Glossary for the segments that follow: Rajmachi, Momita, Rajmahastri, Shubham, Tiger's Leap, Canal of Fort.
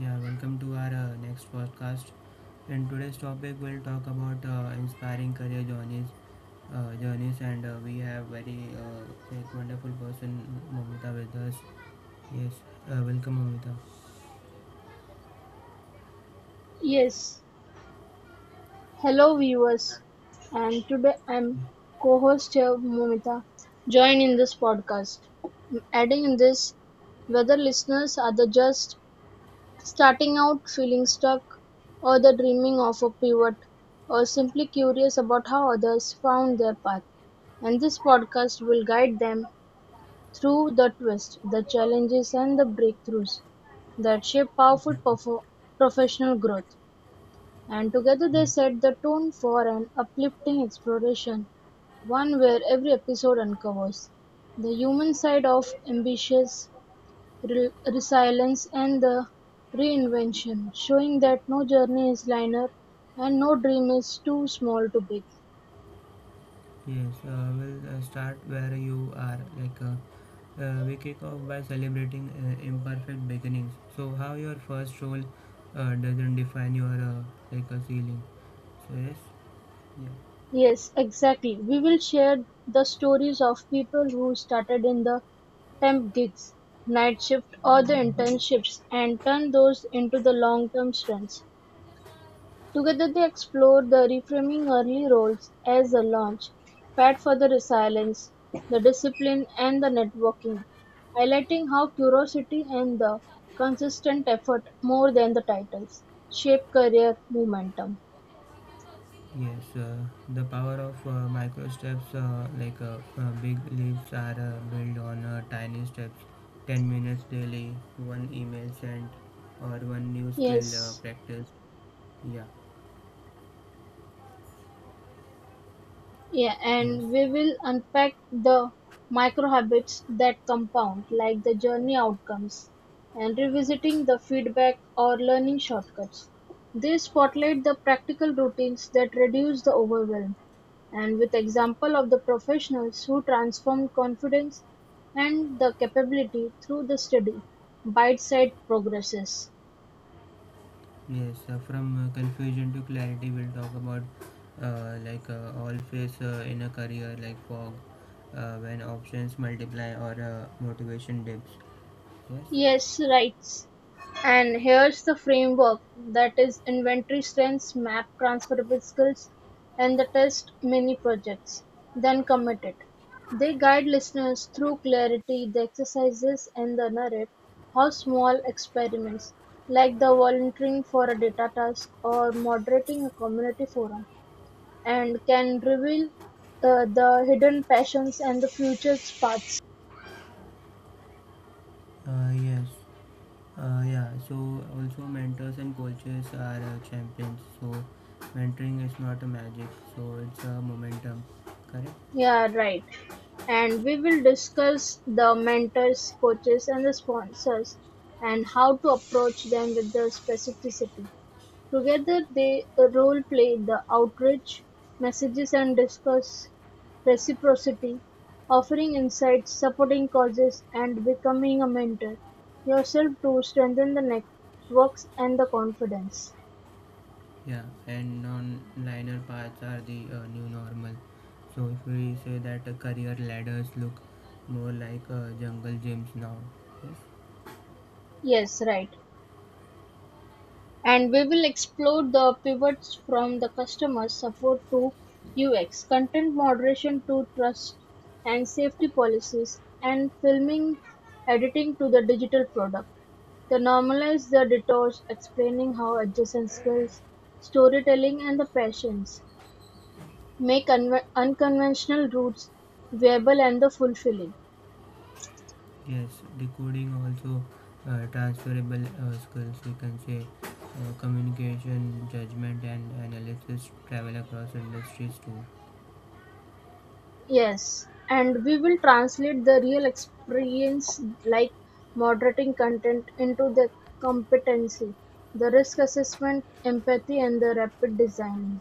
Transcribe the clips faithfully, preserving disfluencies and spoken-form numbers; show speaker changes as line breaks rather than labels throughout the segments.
Yeah, welcome to our uh, next podcast. In today's topic, we'll talk about uh, inspiring career journeys, uh, journeys, and uh, we have very uh, like wonderful person Momita with us. Yes, uh, welcome, Momita.
Yes, hello viewers, and today I'm co-host here Momita. Join in this podcast. Adding in this, whether listeners are the just starting out, feeling stuck, or the dreaming of a pivot, or simply curious about how others found their path, and this podcast will guide them through the twists, the challenges, and the breakthroughs that shape powerful perf- professional growth. And together they set the tone for an uplifting exploration, one where every episode uncovers the human side of ambitions, re- resilience, and the reinvention, showing that no journey is linear and no dream is too small to big.
Yes, uh, we'll uh, start where you are. Like uh, uh, we kick off by celebrating uh, imperfect beginnings. So, how your first role uh, doesn't define your uh, like a ceiling. So yes, yeah.
Yes, exactly. We will share the stories of people who started in the temp gigs, night shift, or the internships and turn those into the long term strengths. Together they explore the reframing early roles as a launch pad for the resilience, the discipline and the networking, highlighting how curiosity and the consistent effort more than the titles shape career momentum.
Yes, uh, the power of uh, micro steps, uh, like, uh, uh, big leaps are uh, built on uh, tiny steps. ten minutes daily, one email sent, or one new skill uh,
Yes.
practiced. Yeah,
Yeah,
yes,
and we will unpack the micro habits that compound, like the journey outcomes and revisiting the feedback or learning shortcuts. They spotlight the practical routines that reduce the overwhelm and with example of the professionals who transformed confidence and the capability through the steady bite-sized progresses.
yes. Uh, from uh, confusion to clarity, we'll talk about uh, like uh, all face uh, in a career like fog uh, when options multiply or uh, motivation dips. Yes,
Yes, right. And here's the framework that is inventory strengths, map transferable skills, and the test mini projects. Then commit it. They guide listeners through clarity, the exercises, and the narrate how small experiments, like the volunteering for a data task or moderating a community forum, and can reveal uh, the hidden passions and the future paths.
uh, yes. Uh, yeah, so also mentors and coaches are uh, champions. So mentoring is not a magic, so it's a momentum, correct?
Yeah, right. And we will discuss the mentors, coaches and the sponsors and how to approach them with the specificity. Together they role play the outreach messages and discuss reciprocity, offering insights, supporting causes and becoming a mentor yourself to strengthen the networks and the confidence.
Yeah, and non-linear paths are the uh, new normal. So if we say that uh, career ladders look more like uh, jungle gyms now, yes,
Yes, right. And we will explore the pivots from the customer support to U X, content moderation to trust and safety policies, and filming editing to the digital product. They normalize the detours, explaining how adjacent skills, storytelling, and the passions make unve- unconventional routes viable and the fulfilling.
yes, decoding also uh, transferable uh, skills. We can say uh, communication, judgment, and analysis travel across industries too.
Yes, and we will translate the real experience like moderating content into the competency, the risk assessment, empathy, and the rapid designing.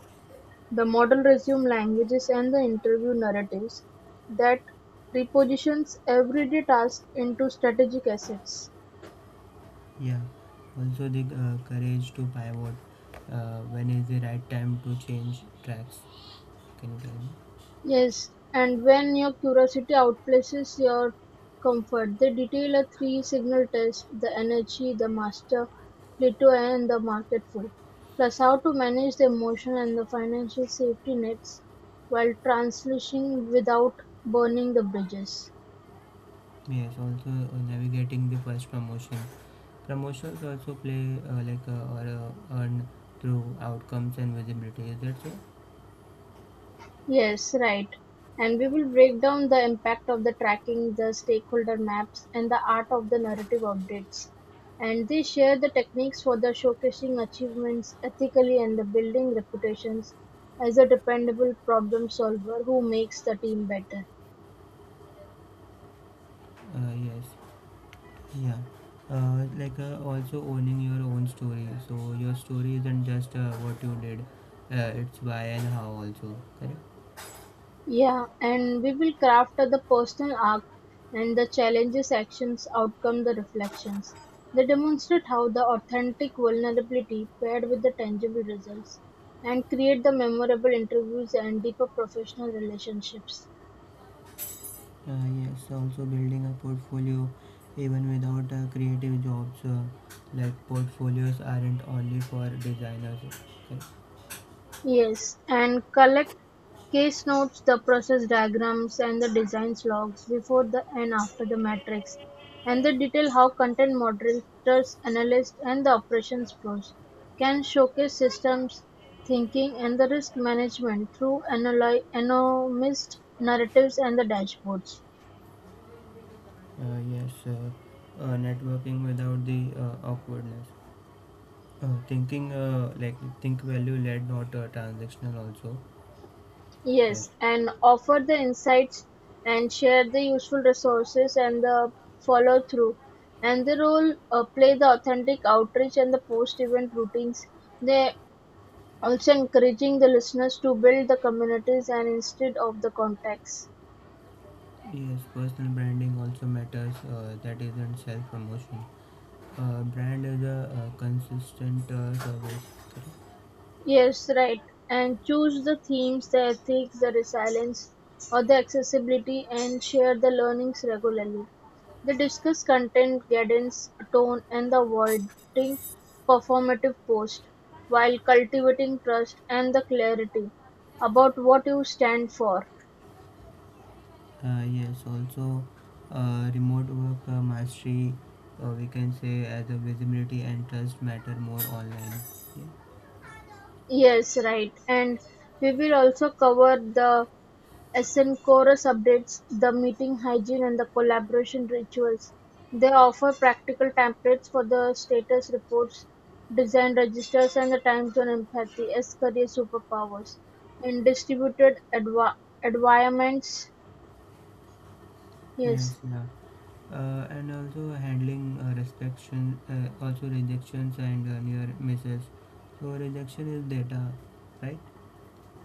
The model resume languages and the interview narratives that repositions everyday tasks into strategic assets.
Yeah, also the uh, courage to pivot. Uh, when is the right time to change tracks? Can you tell me?
Yes, and when your curiosity outplaces your comfort, they detail a three-signal test: the energy, the master, Pluto, and the marketful, plus how to manage the emotion and the financial safety nets while transitioning without burning the bridges.
Yes, also uh, navigating the first promotion. Promotions also play uh, like uh, or uh, earn through outcomes and visibility. Is that so?
Yes, right. And we will break down the impact of the tracking, the stakeholder maps, and the art of the narrative updates. And they share the techniques for the showcasing achievements ethically and the building reputations as a dependable problem solver who makes the team better.
Uh, yes. Yeah. Uh, like, uh, also owning your own story. So your story isn't just uh, what you did. Uh, it's why and how also. Correct.
Yeah, and we will craft the personal arc and the challenges, actions, outcome, the reflections. They demonstrate how the authentic vulnerability paired with the tangible results and create the memorable interviews and deeper professional relationships.
Uh, yes, also building a portfolio even without uh, creative jobs, uh, like portfolios aren't only for designers. Okay.
Yes, and collect case notes, the process diagrams and the designs logs before the and after the matrix, and they detail how content moderators, analysts, and the operations flows can showcase systems thinking and the risk management through analy- anonymized narratives and the dashboards.
Uh, yes, uh, uh, Networking without the uh, awkwardness. Uh, thinking, uh, like think value led, not uh, transactional. Also, yes,
Yes, and offer the insights and share the useful resources and the follow through. And the role uh, play the authentic outreach and the post event routines. They also encouraging the listeners to build the communities and instead of the contacts.
yes, personal branding also matters. Uh, that isn't self promotion. Uh, brand is a uh, consistent uh, service.
Yes, right. And choose the themes, the ethics, the resilience, or the accessibility, and share the learnings regularly. They discuss content, guidance, tone, and the avoiding performative post while cultivating trust and the clarity about what you stand for.
Uh, yes, also uh, remote work uh, mastery, uh, we can say as a visibility and trust matter more online. Yeah.
Yes, right. And we will also cover the Esenchorus updates the meeting hygiene and the collaboration rituals; they offer practical templates for the status reports, design registers and the time-zone empathy as career superpowers. In distributed adva- environments, yes.
Yes, yeah. Uh, and also handling uh, rejection, uh, also rejections and uh, near misses. So rejection is data, right?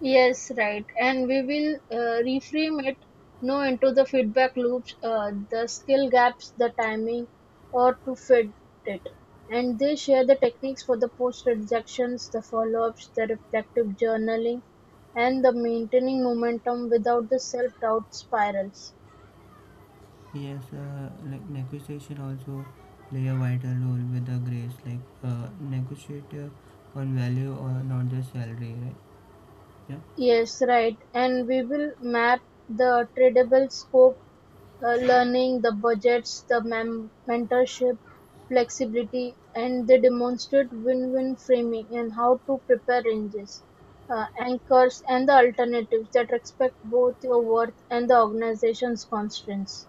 Yes, right. And we will uh, reframe it no into the feedback loops, uh, the skill gaps, the timing, or to fit it. And they share the techniques for the post rejections, the follow ups, the reflective journaling, and the maintaining momentum without the self doubt spirals.
Yes, uh, like negotiation also play a vital role with the grace, like uh, negotiate uh, on value or not just salary, right? Yeah.
Yes, right. And we will map the tradable scope uh, learning, the budgets, the mem- mentorship, flexibility, and they demonstrate win-win framing and how to prepare ranges, uh, anchors, and the alternatives that respect both your worth and the organization's constraints.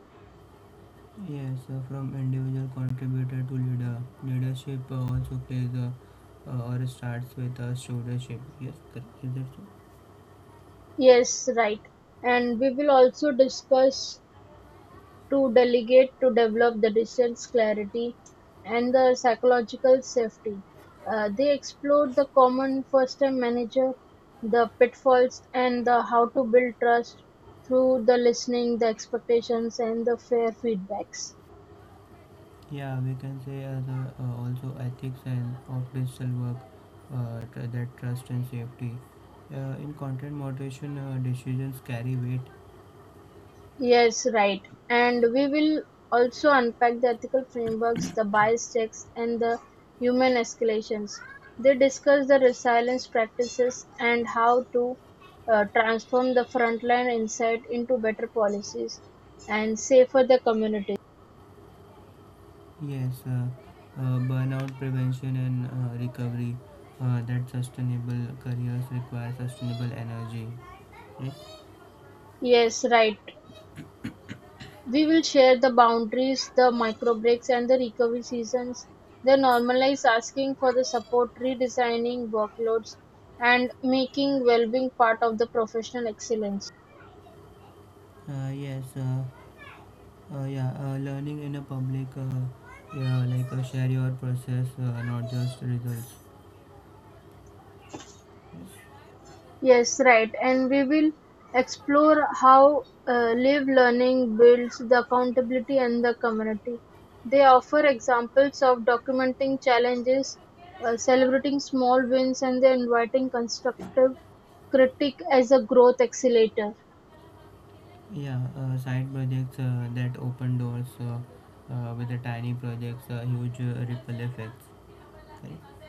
Yes, uh, from individual contributor to leader. Leadership uh, also plays a uh, or starts with a stewardship. Yes, correct. Is that so?
Yes, right. And we will also discuss to delegate to develop the distance clarity and the psychological safety. Uh, they explored the common first time manager, the pitfalls, and the how to build trust through the listening, the expectations, and the fair feedbacks.
Yeah, we can say as a, uh, also ethics and of digital work uh, tr- that trust and safety. Uh, in content moderation, uh, decisions carry weight.
Yes, right. And we will also unpack the ethical frameworks, the bias checks, and the human escalations. They discuss the resilience practices and how to uh, transform the frontline insight into better policies and safer the community.
Yes, uh, uh, burnout prevention and uh, recovery. Uh, that sustainable careers require sustainable energy. Yes.
Yes, right. We will share the boundaries, the micro breaks, and the recovery seasons, they normalize asking for the support, redesigning workloads and making well-being part of the professional excellence.
Uh, yes. Uh, Uh, yeah, uh, Learning in a public, uh, yeah, like uh, share your process, uh, not just results.
Yes, right. And we will explore how uh, live learning builds the accountability and the community. They offer examples of documenting challenges, uh, celebrating small wins, and then inviting constructive critique as a growth accelerator.
Yeah, uh, side projects uh, that open doors, uh, uh, with the tiny projects, uh, huge uh, ripple effects. Correct.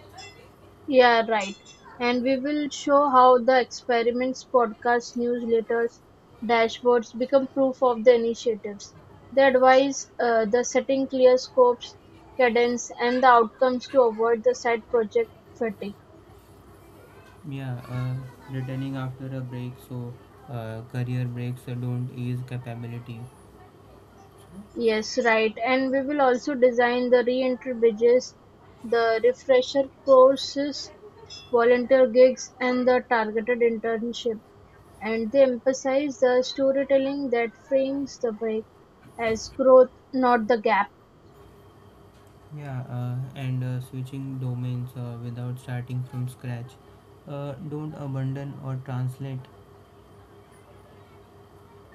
Yeah, right. And we will show how the experiments, podcasts, newsletters, dashboards become proof of the initiatives. The advice, uh, the setting clear scopes, cadence, and the outcomes to avoid the side project fatigue.
Yeah, uh, returning after a break, so uh, career breaks uh, don't ease capability.
Yes, right. And we will also design the re entry bridges, the refresher courses, volunteer gigs, and the targeted internship. And they emphasize the storytelling that frames the break as growth, not the gap.
Yeah, uh, and uh, switching domains uh, without starting from scratch. Uh, don't abandon or translate.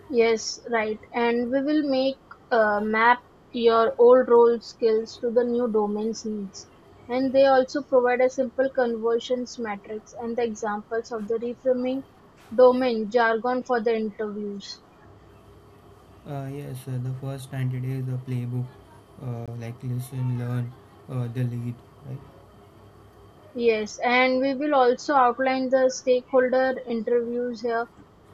Yes, right. And we will make uh, map your old role skills to the new domain's needs. And they also provide a simple conversions matrix and the examples of the reframing domain jargon for the interviews.
Uh, yes, uh, the first ninety days the playbook, uh, like listen, learn, uh, the lead, right?
Yes, and we will also outline the stakeholder interviews here,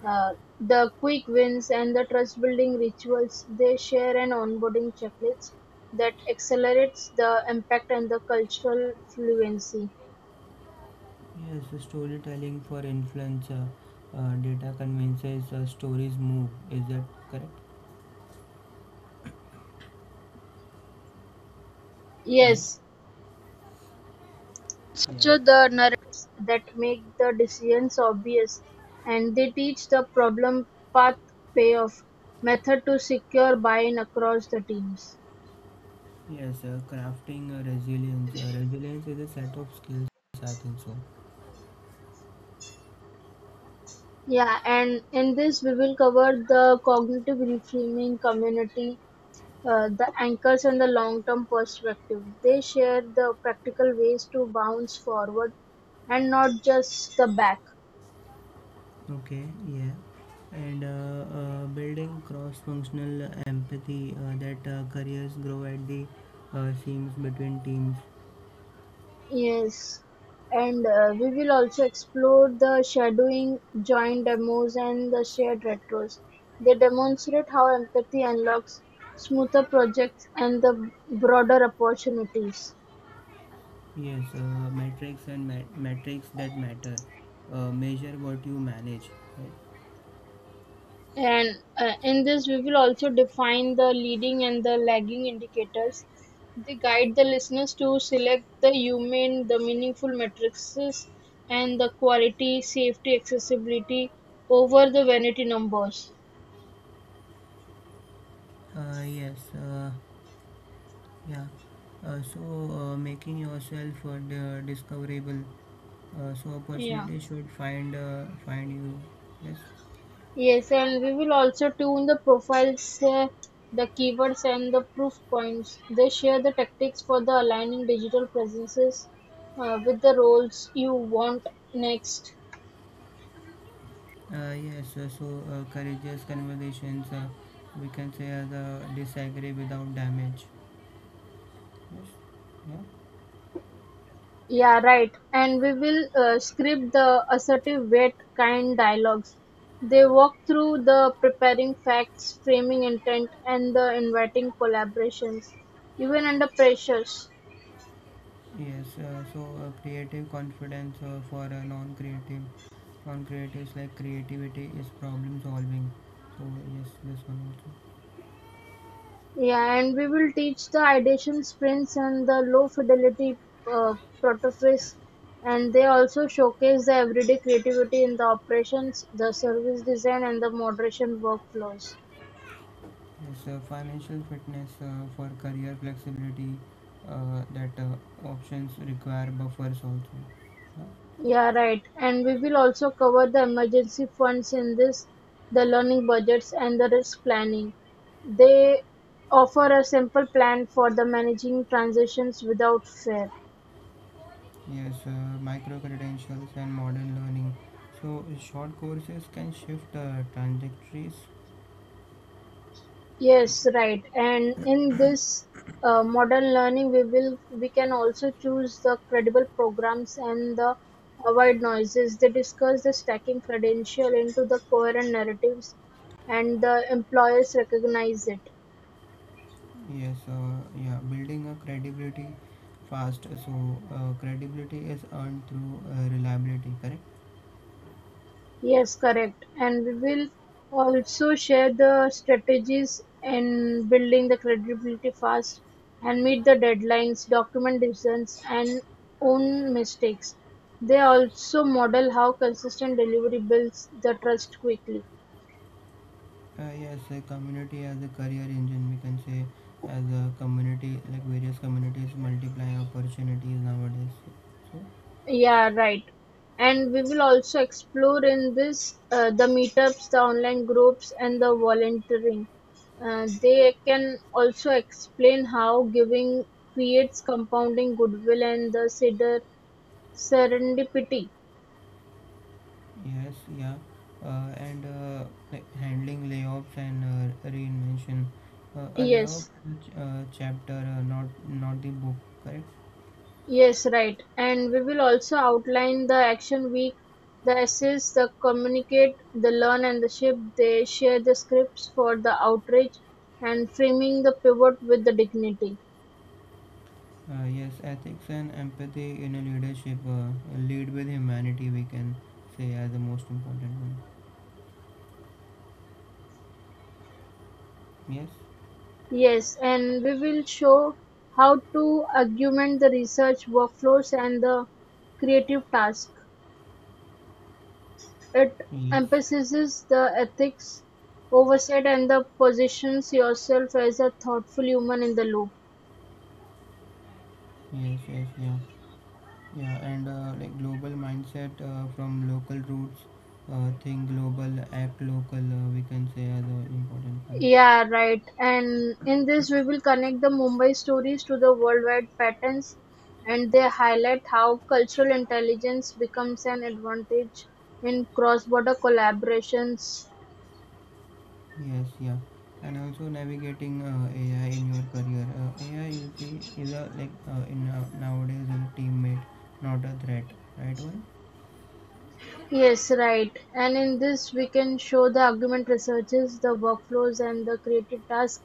uh, the quick wins and the trust building rituals. They share an onboarding checklist that accelerates the impact and the cultural fluency.
Yes, the storytelling for influencer, uh, data convinces, uh, stories move. Is that correct? Yes.
Yes,
Yeah.
structure the narratives that make the decisions obvious and they teach the problem path payoff method to secure buy in across the teams.
Yes, uh, crafting uh, resilience. Uh, resilience is a set of skills, I think so.
Yeah, and in this we will cover the cognitive reframing community, uh, the anchors and the long-term perspective. They share the practical ways to bounce forward and not just the back.
Okay, yeah. And uh, uh, Building cross functional empathy, uh, that uh, careers grow at the uh, seams between teams.
Yes. And uh, we will also explore the shadowing, joint demos, and the shared retros. They demonstrate how empathy unlocks smoother projects and the broader opportunities.
Yes, uh, metrics and mat- metrics that matter. Uh, measure what you manage, right?
And uh, in this, we will also define the leading and the lagging indicators. They guide the listeners to select the humane, the meaningful matrices, and the quality, safety, accessibility over the vanity numbers.
Uh, yes, uh, yeah. Uh, so, uh, making yourself, uh, di- discoverable. Uh, so
Yeah.
opportunity should find uh, find you. Yes.
Yes, and we will also tune the profiles, uh, the keywords, and the proof points. They share the tactics for the aligning digital presences uh, with the roles you want next.
Uh, yes. Uh, so, uh, courageous conversations. Uh, we can say uh, the disagree without damage. Yes. Yeah.
Yeah, right. And we will uh, script the assertive, wet, kind dialogues. They walk through the preparing facts, framing intent, and the inviting collaborations, even under pressures.
Yes, uh, so uh, creative confidence uh, for uh, non-creative, non-creatives, like creativity is problem solving. So yes, this one also.
Yeah, and we will teach the ideation sprints and the low fidelity uh, protophase, and they also showcase the everyday creativity in the operations, the service design, and the moderation workflows.
Yes, uh, financial fitness uh, for career flexibility. Uh, that uh, options require buffers also. Uh,
Yeah, right. And we will also cover the emergency funds in this, the learning budgets and the risk planning. They offer a simple plan for the managing transitions without fear.
yes, uh, micro credentials and modern learning. So uh, short courses can shift uh, trajectories.
Yes, right. And in this uh, modern learning, we will we can also choose the credible programs and the avoid noises. They discuss the stacking credential into the coherent narratives, and the employers recognize it.
Yes, uh, yeah, building a credibility fast. So uh, credibility is earned through uh, reliability, correct?
Yes, correct. And we will also share the strategies in building the credibility fast and meet the deadlines, document decisions, and own mistakes. They also model how consistent delivery builds the trust quickly.
Uh, yes, a community as a career engine, we can say as a community, like various communities multiply opportunities nowadays. So
Yeah, right. And we will also explore in this uh, the meetups, the online groups, and the volunteering. Uh, they can also explain how giving creates compounding goodwill and the seder- serendipity.
yes, yeah, uh, and uh, like handling layoffs and uh, reinvention. Uh, a layoff
Yes,
is a ch- uh, chapter, uh, not not the book, correct?
yes, right. And we will also outline the action week, the assess, the communicate, the learn, and the shape. They share the scripts for the outreach and framing the pivot with the dignity.
Uh, yes, ethics and empathy in a leadership, uh, lead with humanity, we can say, as the most important one. Yes,
Yes, and we will show how to augment the research workflows and the creative task. It
yes,
emphasizes the ethics oversight and the positions yourself as a thoughtful human in the loop.
yes, yes, yeah, yeah, and uh, like global mindset uh, from local roots, uh, think global, act local, uh, we can say, as the important one.
Yeah, right. And in this, we will connect the Mumbai stories to the worldwide patterns and they highlight how cultural intelligence becomes an advantage in cross border collaborations.
Yes, yeah, and also navigating uh, A I in your career. Uh, A I, you see, is a like uh, in uh, nowadays is a teammate, not a threat, right? One.
Yes, right. And in this, we can show the argument researches, the workflows, and the creative task.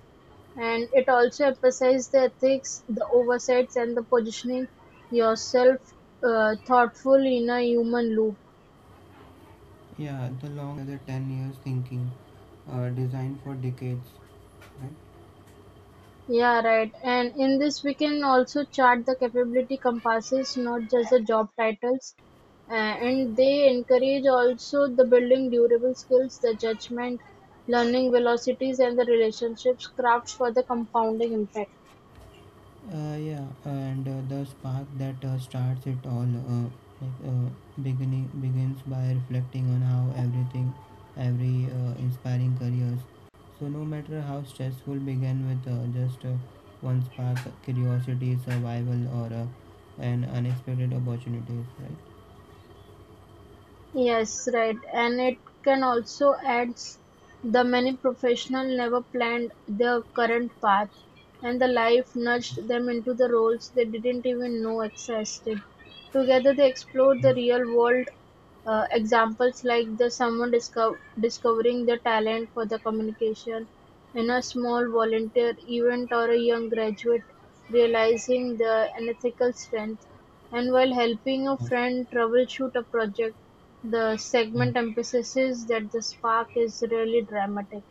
And it also emphasizes the ethics, the oversights, and the positioning yourself uh, thoughtful in a human loop.
Yeah, the long game, we can say, has a ten years thinking, uh, designed for decades, right?
Yeah, right. And in this, we can also chart the capability compasses, not just the job titles. Uh, and they encourage also the building durable skills, the judgment, learning velocities, and the relationships crafts for the compounding impact.
Uh, yeah, and uh, the spark that uh, starts it all, uh, like, uh, beginning begins by reflecting on how everything, every uh, inspiring careers. So no matter how stressful, began with uh, just uh, one spark, curiosity, survival, or uh, an unexpected opportunities, right?
Yes, right. And it can also adds the many professionals never planned their current path, and the life
Yes,
nudged them into the roles they didn't even know existed. Together, they explored the
yes,
real world uh, examples like the someone disco- discovering the talent for the communication in a small volunteer event or a young graduate realizing the unethical strength and while helping a
yes.
friend troubleshoot a project, the
Yeah.
segment emphasizes that the spark is really dramatic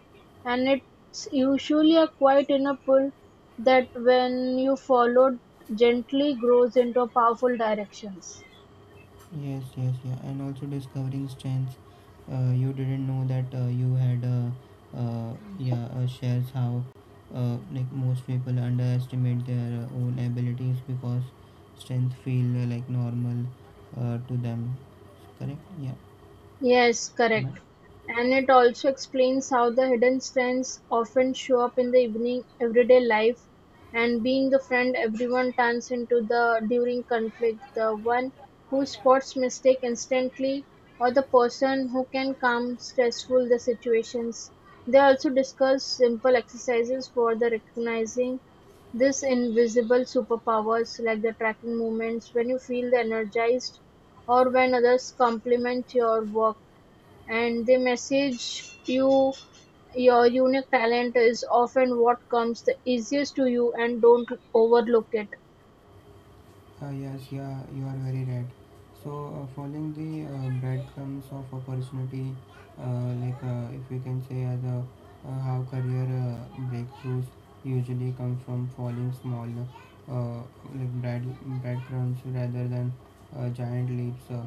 and it's usually a quite inner pull that when you follow gently grows into a powerful directions.
Yes, yes, yeah, and also discovering strengths uh, you didn't know that uh, you had. Uh, uh, yeah, uh, Shares how uh, like most people underestimate their uh, own abilities because strengths feel uh, like normal uh, to them. Correct? Yeah.
Yes,
Am
correct. And it also explains how the hidden strengths often show up in the evening everyday life and being the friend everyone turns into the during conflict, the one who spots mistake instantly or the person who can calm stressful the situations. They also discuss simple exercises for the recognizing this invisible superpowers like the tracking movements when you feel the energized or when others compliment your work and they message you your unique talent is often what comes the easiest to you and don't overlook it.
Uh, yes, yeah, you are very right. So, uh, following the uh, breadcrumbs of opportunity, uh, like uh, if we can say as a uh, how career uh, breakthroughs usually come from following small uh, like bread breadcrumbs rather than uh, giant leaps. Uh,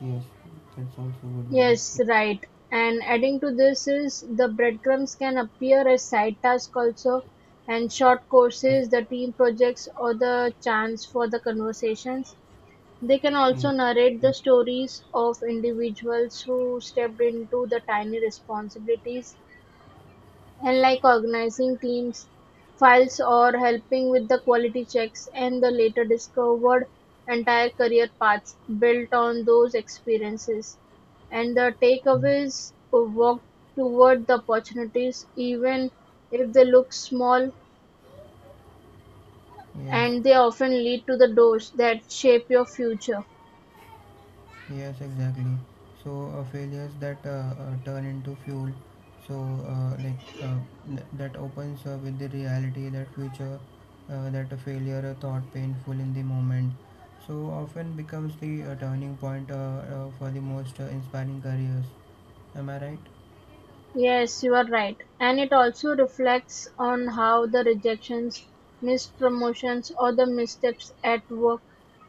Yes, that's also a good one.
Yes, right. And adding to this is the breadcrumbs can appear as side tasks also and short courses, the team projects or the chance for the conversations. They can
Yes,
also narrate the stories of individuals who stepped into the tiny responsibilities and like organizing teams' files or helping with the quality checks, and the later discovered entire career paths built on those experiences. And the
yes,
takeaways walk toward the opportunities, even if they look small,
yes.
and they often lead to the doors that shape your future.
Yes, exactly. So uh, failures that uh, uh, turn into fuel. So uh, like, uh, th- that opens uh, with the reality that future uh, that a failure a thought painful in the moment. So often becomes the uh, turning point, uh, uh, for the most uh, inspiring careers. Am I right?
Yes, you are right. And it also reflects on how the rejections, mispromotions, or the missteps at work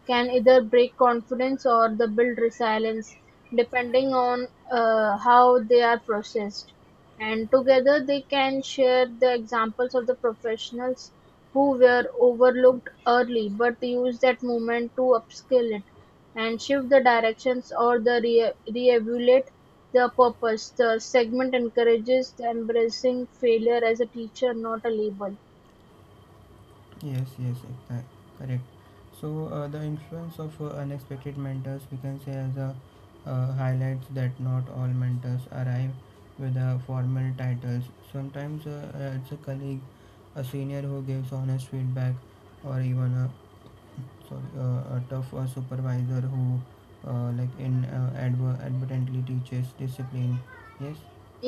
can either break confidence or the build resilience, depending on uh, how they are processed. And together they can share the examples of the professionals who were overlooked early but used that moment to upskill it and shift the directions or the re- reevaluate the purpose. The segment encourages the embracing failure as a teacher, not a label.
Yes, yes, exact, correct. So uh, the influence of uh, unexpected mentors, we can say, as a uh, highlights that not all mentors arrive with uh, formal titles. Sometimes uh, uh, it's a colleague, a senior who gives honest feedback, or even a sorry, uh, a tough uh, supervisor who, uh, like in uh, adver- advertently teaches discipline. Yes,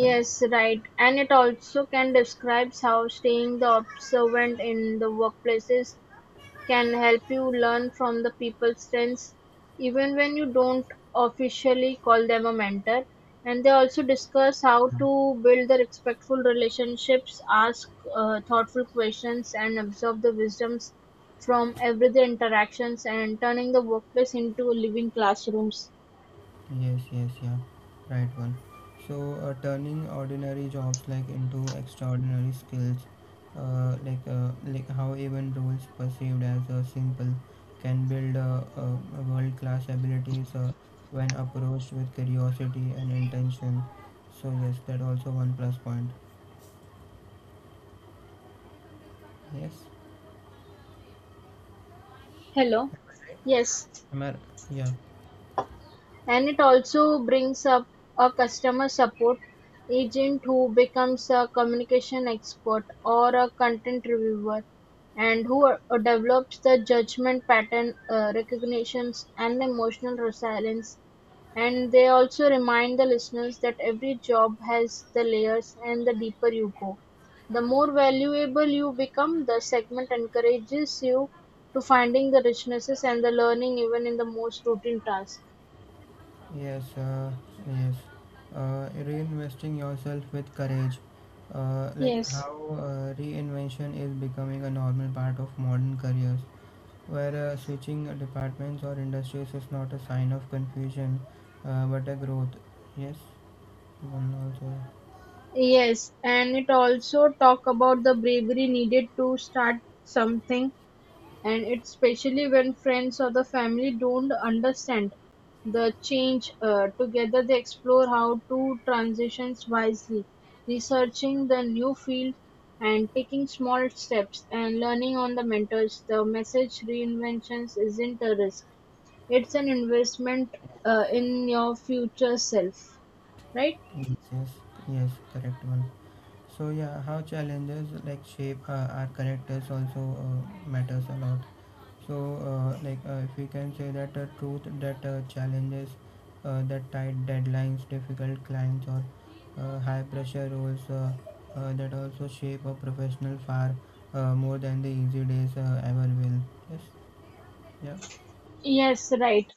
correct.
right. And it also can describes how staying the observant in the workplaces can help you learn from the people's strengths even when you don't officially call them a mentor. And they also discuss how to build the respectful relationships, ask uh, thoughtful questions and absorb the wisdoms from everyday interactions and turning the workplace into living classrooms.
Yes, yes, yeah. Right one. So, uh, turning ordinary jobs like into extraordinary skills, uh, like uh, like how even roles perceived as uh, simple can build uh, uh, world-class abilities uh, when approached with curiosity and intention. So yes, that also one plus point. Yes.
Hello, yes.
Am I? Yeah.
And it also brings up a customer support agent who becomes a communication expert or a content reviewer and who uh, develops the judgment pattern uh, recognitions and emotional resilience. And they also remind the listeners that every job has the layers and the deeper you go the more valuable you become. The segment encourages you to finding the richnesses and the learning even in the most routine tasks.
Yes, uh, yes. Uh, reinvesting yourself with courage. Uh, like
Yes,
how uh, reinvention is becoming a normal part of modern careers, where uh, switching departments or industries is not a sign of confusion, uh, but a growth. Yes, one also.
yes, and it also talk about the bravery needed to start something, and it's especially when friends or the family don't understand the change. Uh, together, they explore how to transitions wisely, researching the new field and taking small steps and learning on the mentors. The message reinventions isn't a risk; it's an investment uh, in your future self, right?
Yes, yes, yes, correct one. So yeah, how challenges like shape uh, our characters also uh, matters a lot. So, uh, like, uh, if we can say that uh, truth that uh, challenges uh, the tight deadlines, difficult clients, or uh, high pressure roles, uh, uh, that also shape a professional far uh, more than the easy days uh, ever will. Yes, yeah.
Yes, right.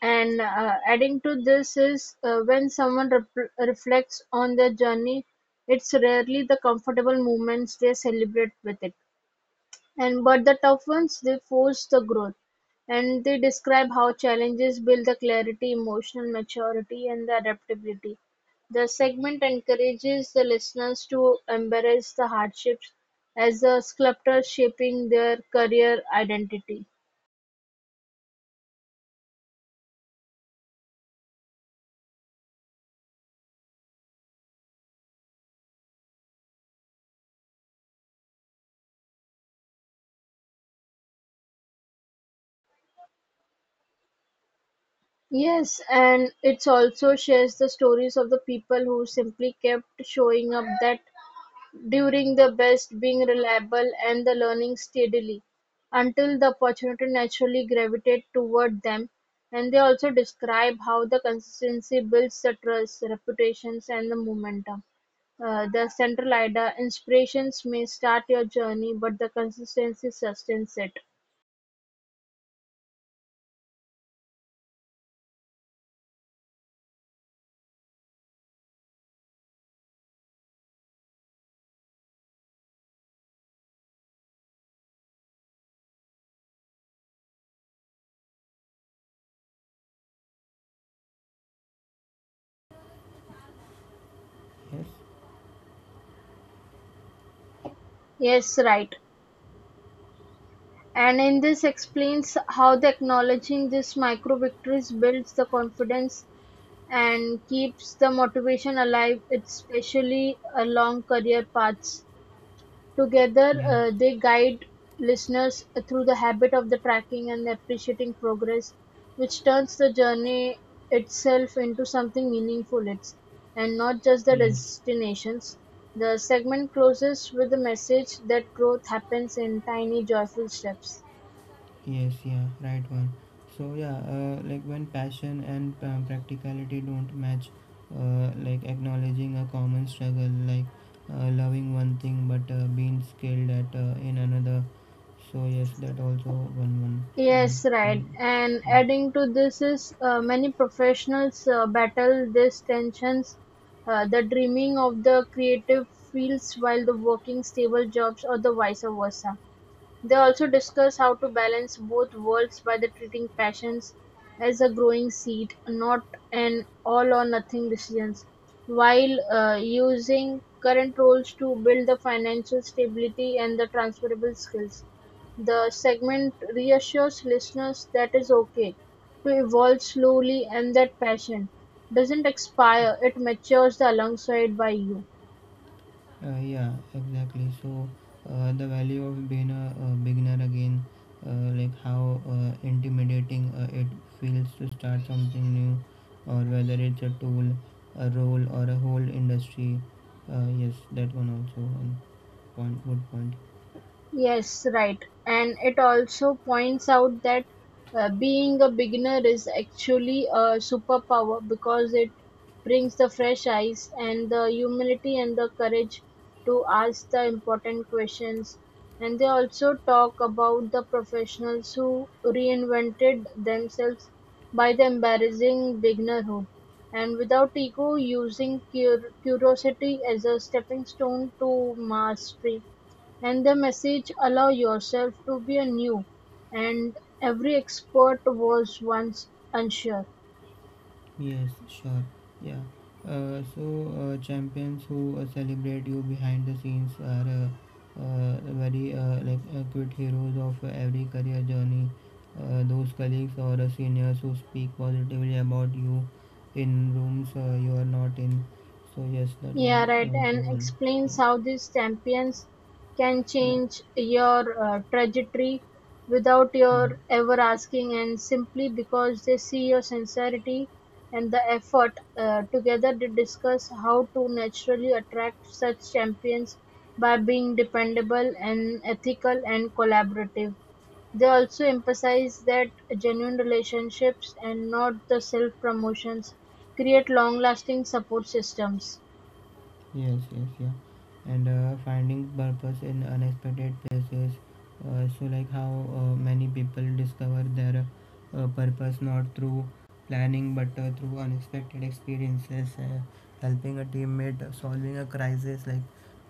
And uh, adding to this is uh, when someone rep- reflects on their journey, it's rarely the comfortable moments they celebrate with it, and but the tough ones they force the growth, and they describe how challenges build the clarity, emotional maturity, and the adaptability. The segment encourages the listeners to embrace the hardships as a sculptor shaping their career identity. Yes, and it also shares the stories of the people who simply kept showing up that during the best, being reliable and the learning steadily until the opportunity naturally gravitate toward them. And they also describe how the consistency builds the trust, reputations, and the momentum. Uh, the central idea inspirations may start your journey, but the consistency sustains it.
Yes,
Yes, right. And in this explains how the acknowledging these micro victories builds the confidence and keeps the motivation alive, especially along career paths. Together,
yes,
uh, they guide listeners through the habit of the tracking and appreciating progress, which turns the journey itself into something meaningful. It's and not just the
yes,
destinations. The segment closes with the message that growth happens in tiny, joyful steps.
yes, yeah, right one. So yeah, uh, like when passion and um, practicality don't match, uh, like acknowledging a common struggle, like uh, loving one thing but uh, being skilled at uh, in another. So yes, that also one one one
Yes, right.
problem.
And
Yeah.
adding to this is uh, many professionals uh, battle these tensions, uh, the dreaming of the creative fields while the working stable jobs or the vice versa. They also discuss how to balance both worlds by the treating passions as a growing seed, not an all-or-nothing decision, while uh, using current roles to build the financial stability and the transferable skills. The segment reassures listeners that it's okay to evolve slowly and that passion doesn't expire, it matures alongside by you.
Uh, yeah, exactly. So, uh, the value of being a, uh beginner again, uh, like how uh, intimidating uh, it feels to start something new, or whether it's a tool, a role, or a whole industry. Uh, yes, that one also one point, good point.
Yes, right. And it also points out that uh, being a beginner is actually a superpower because it brings the fresh eyes and the humility and the courage to ask the important questions. And they also talk about the professionals who reinvented themselves by the embarrassing beginnerhood and without ego using cur- curiosity as a stepping stone to mastery and the message allow yourself to be a new and every expert was once unsure.
Yes, sure. Yeah. Uh, so uh, champions who uh, celebrate you behind the scenes are uh, uh, very uh, like uh, good heroes of uh, every career journey. Uh, those colleagues or uh, seniors who speak positively about you in rooms uh, you are not in. So yes, that
Yeah,
was
right.
also
And
one.
explains
Yeah.
how these champions can
Yeah.
change your uh, trajectory without
Hmm.
your ever asking, and simply because they see your sincerity and the effort. Uh, together, they discuss how to naturally attract such champions by being dependable and ethical and collaborative. They also emphasize that genuine relationships, and not the self-promotions, create long-lasting support systems.
Yes, yes, yeah. And uh, finding purpose in unexpected places. Uh, so, like how uh, many people discover their uh, purpose not through planning but uh, through unexpected experiences, uh, helping a teammate, uh, solving a crisis, like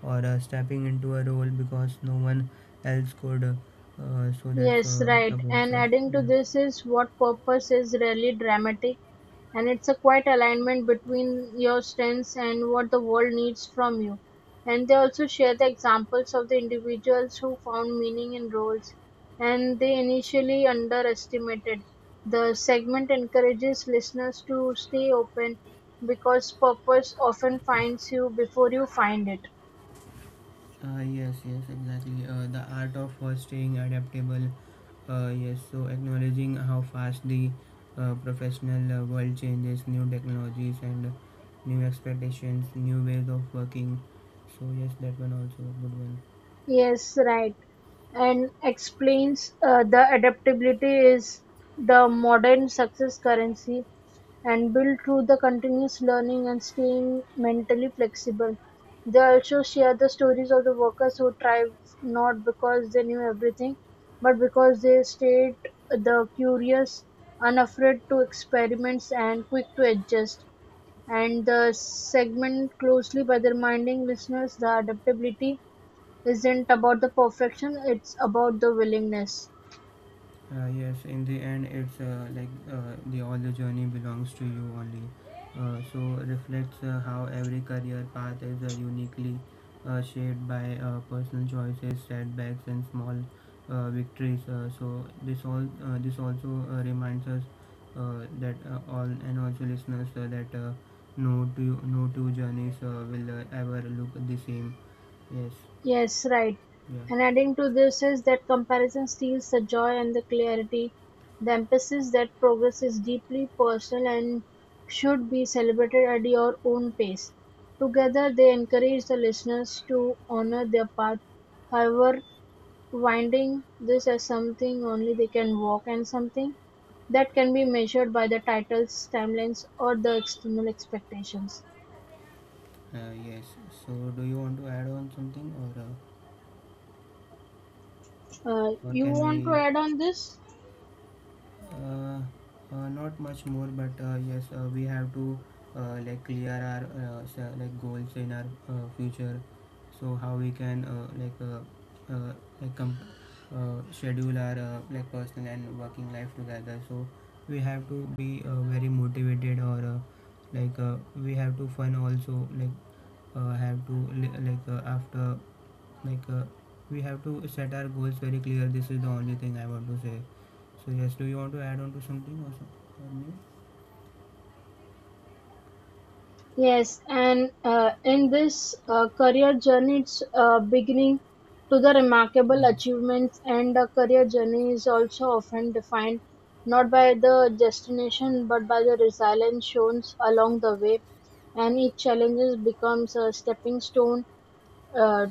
or uh, stepping into a role because no one else could. Uh, so that's
Yes,
uh,
right.
supports
And
us.
adding to
Yeah.
this is what purpose is really dramatic, and it's a quiet alignment between your strengths and what the world needs from you. And they also share the examples of the individuals who found meaning in roles and they initially underestimated. The segment encourages listeners to stay open because purpose often finds you before you find it.
Uh, yes, yes, exactly. Uh, the art of uh, staying adaptable. Uh, yes, so acknowledging how fast the uh, professional uh, world changes, new technologies and uh, new expectations, new ways of working. So yes, that one also a good one.
Yes, right. And explains uh, the adaptability is the modern success currency and built through the continuous learning and staying mentally flexible. They also share the stories of the workers who thrived not because they knew everything, but because they stayed the curious, unafraid to experiments and quick to adjust. And the segment closely by the reminding listeners the adaptability isn't about the perfection, it's about the willingness.
Uh, yes, in the end, it's uh, like uh, the all the journey belongs to you only. Uh, so reflects uh, how every career path is uh, uniquely uh, shaped by uh, personal choices, setbacks, and small uh, victories. Uh, so this all uh, this also uh, reminds us uh, that uh, all and also listeners uh, that uh, no two no two journeys uh, will uh, ever look the same. Yes.
Yes, right.
Yeah.
And adding to this is that comparison steals the joy and the clarity. The emphasis that progress is deeply personal and should be celebrated at your own pace. Together, they encourage the listeners to honor their path, however, winding this as something only they can walk and something that can be measured by the titles, timelines, or the external expectations.
Uh, yes. So do you want to add on something or? Uh,
Uh,
or
you
can
want to
we,
add on this?
uh, uh, not much more, but uh, yes, uh, we have to, uh, like clear our uh, like goals in our uh, future, so how we can, uh, like, uh, uh, like com- uh, schedule our uh, like personal and working life together, so we have to be uh, very motivated, or uh, like, uh, we have to fun also, like uh, have to, like uh, after, like uh, we have to set our goals very clear. This is the only thing I want to say. So yes, do you want to add on to something, or something
Yes, and uh, in this uh, career journey, it's uh, beginning to the remarkable
means
achievements, and a career journey is also often defined not by the destination but by the resilience shown along the way. And each challenge becomes a stepping stone uh,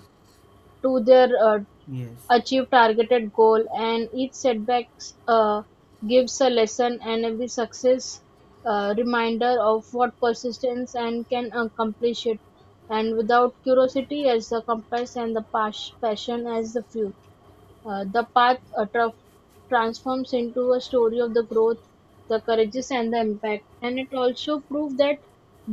to their uh,
yes,
achieve targeted goal and each setback uh, gives a lesson and every success uh, reminder of what persistence and can accomplish it and without curiosity as the compass and the pas- passion as the fuel uh, the path uh, tra- transforms into a story of the growth, the courageous, and the impact. And it also proves that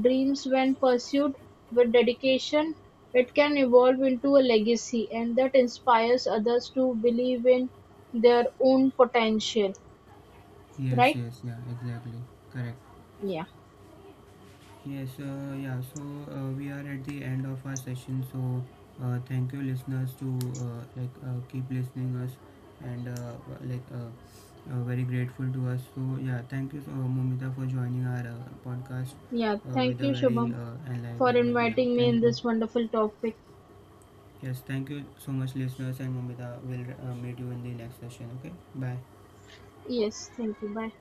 dreams, when pursued with dedication, it can evolve into a legacy, and that inspires others to believe in their own potential.
yes,
Right?
yes, yeah, exactly, correct,
Yeah.
yes. Uh, yeah, so uh, we are at the end of our session, so uh, thank you, listeners, to uh, like uh, keep listening us and uh, like uh, uh, very grateful to us. So yeah, thank you, uh, Mumita, for joining our uh, podcast
Yeah.
uh, with
Thank
a
you,
very
Shubham,
uh,
for
enlightened one. Yeah,
inviting me
thank
in
you.
this wonderful topic.
Yes, thank you so much, listeners, and Mumita will uh, meet you in the next session. Okay, bye.
Yes. Thank you. Bye.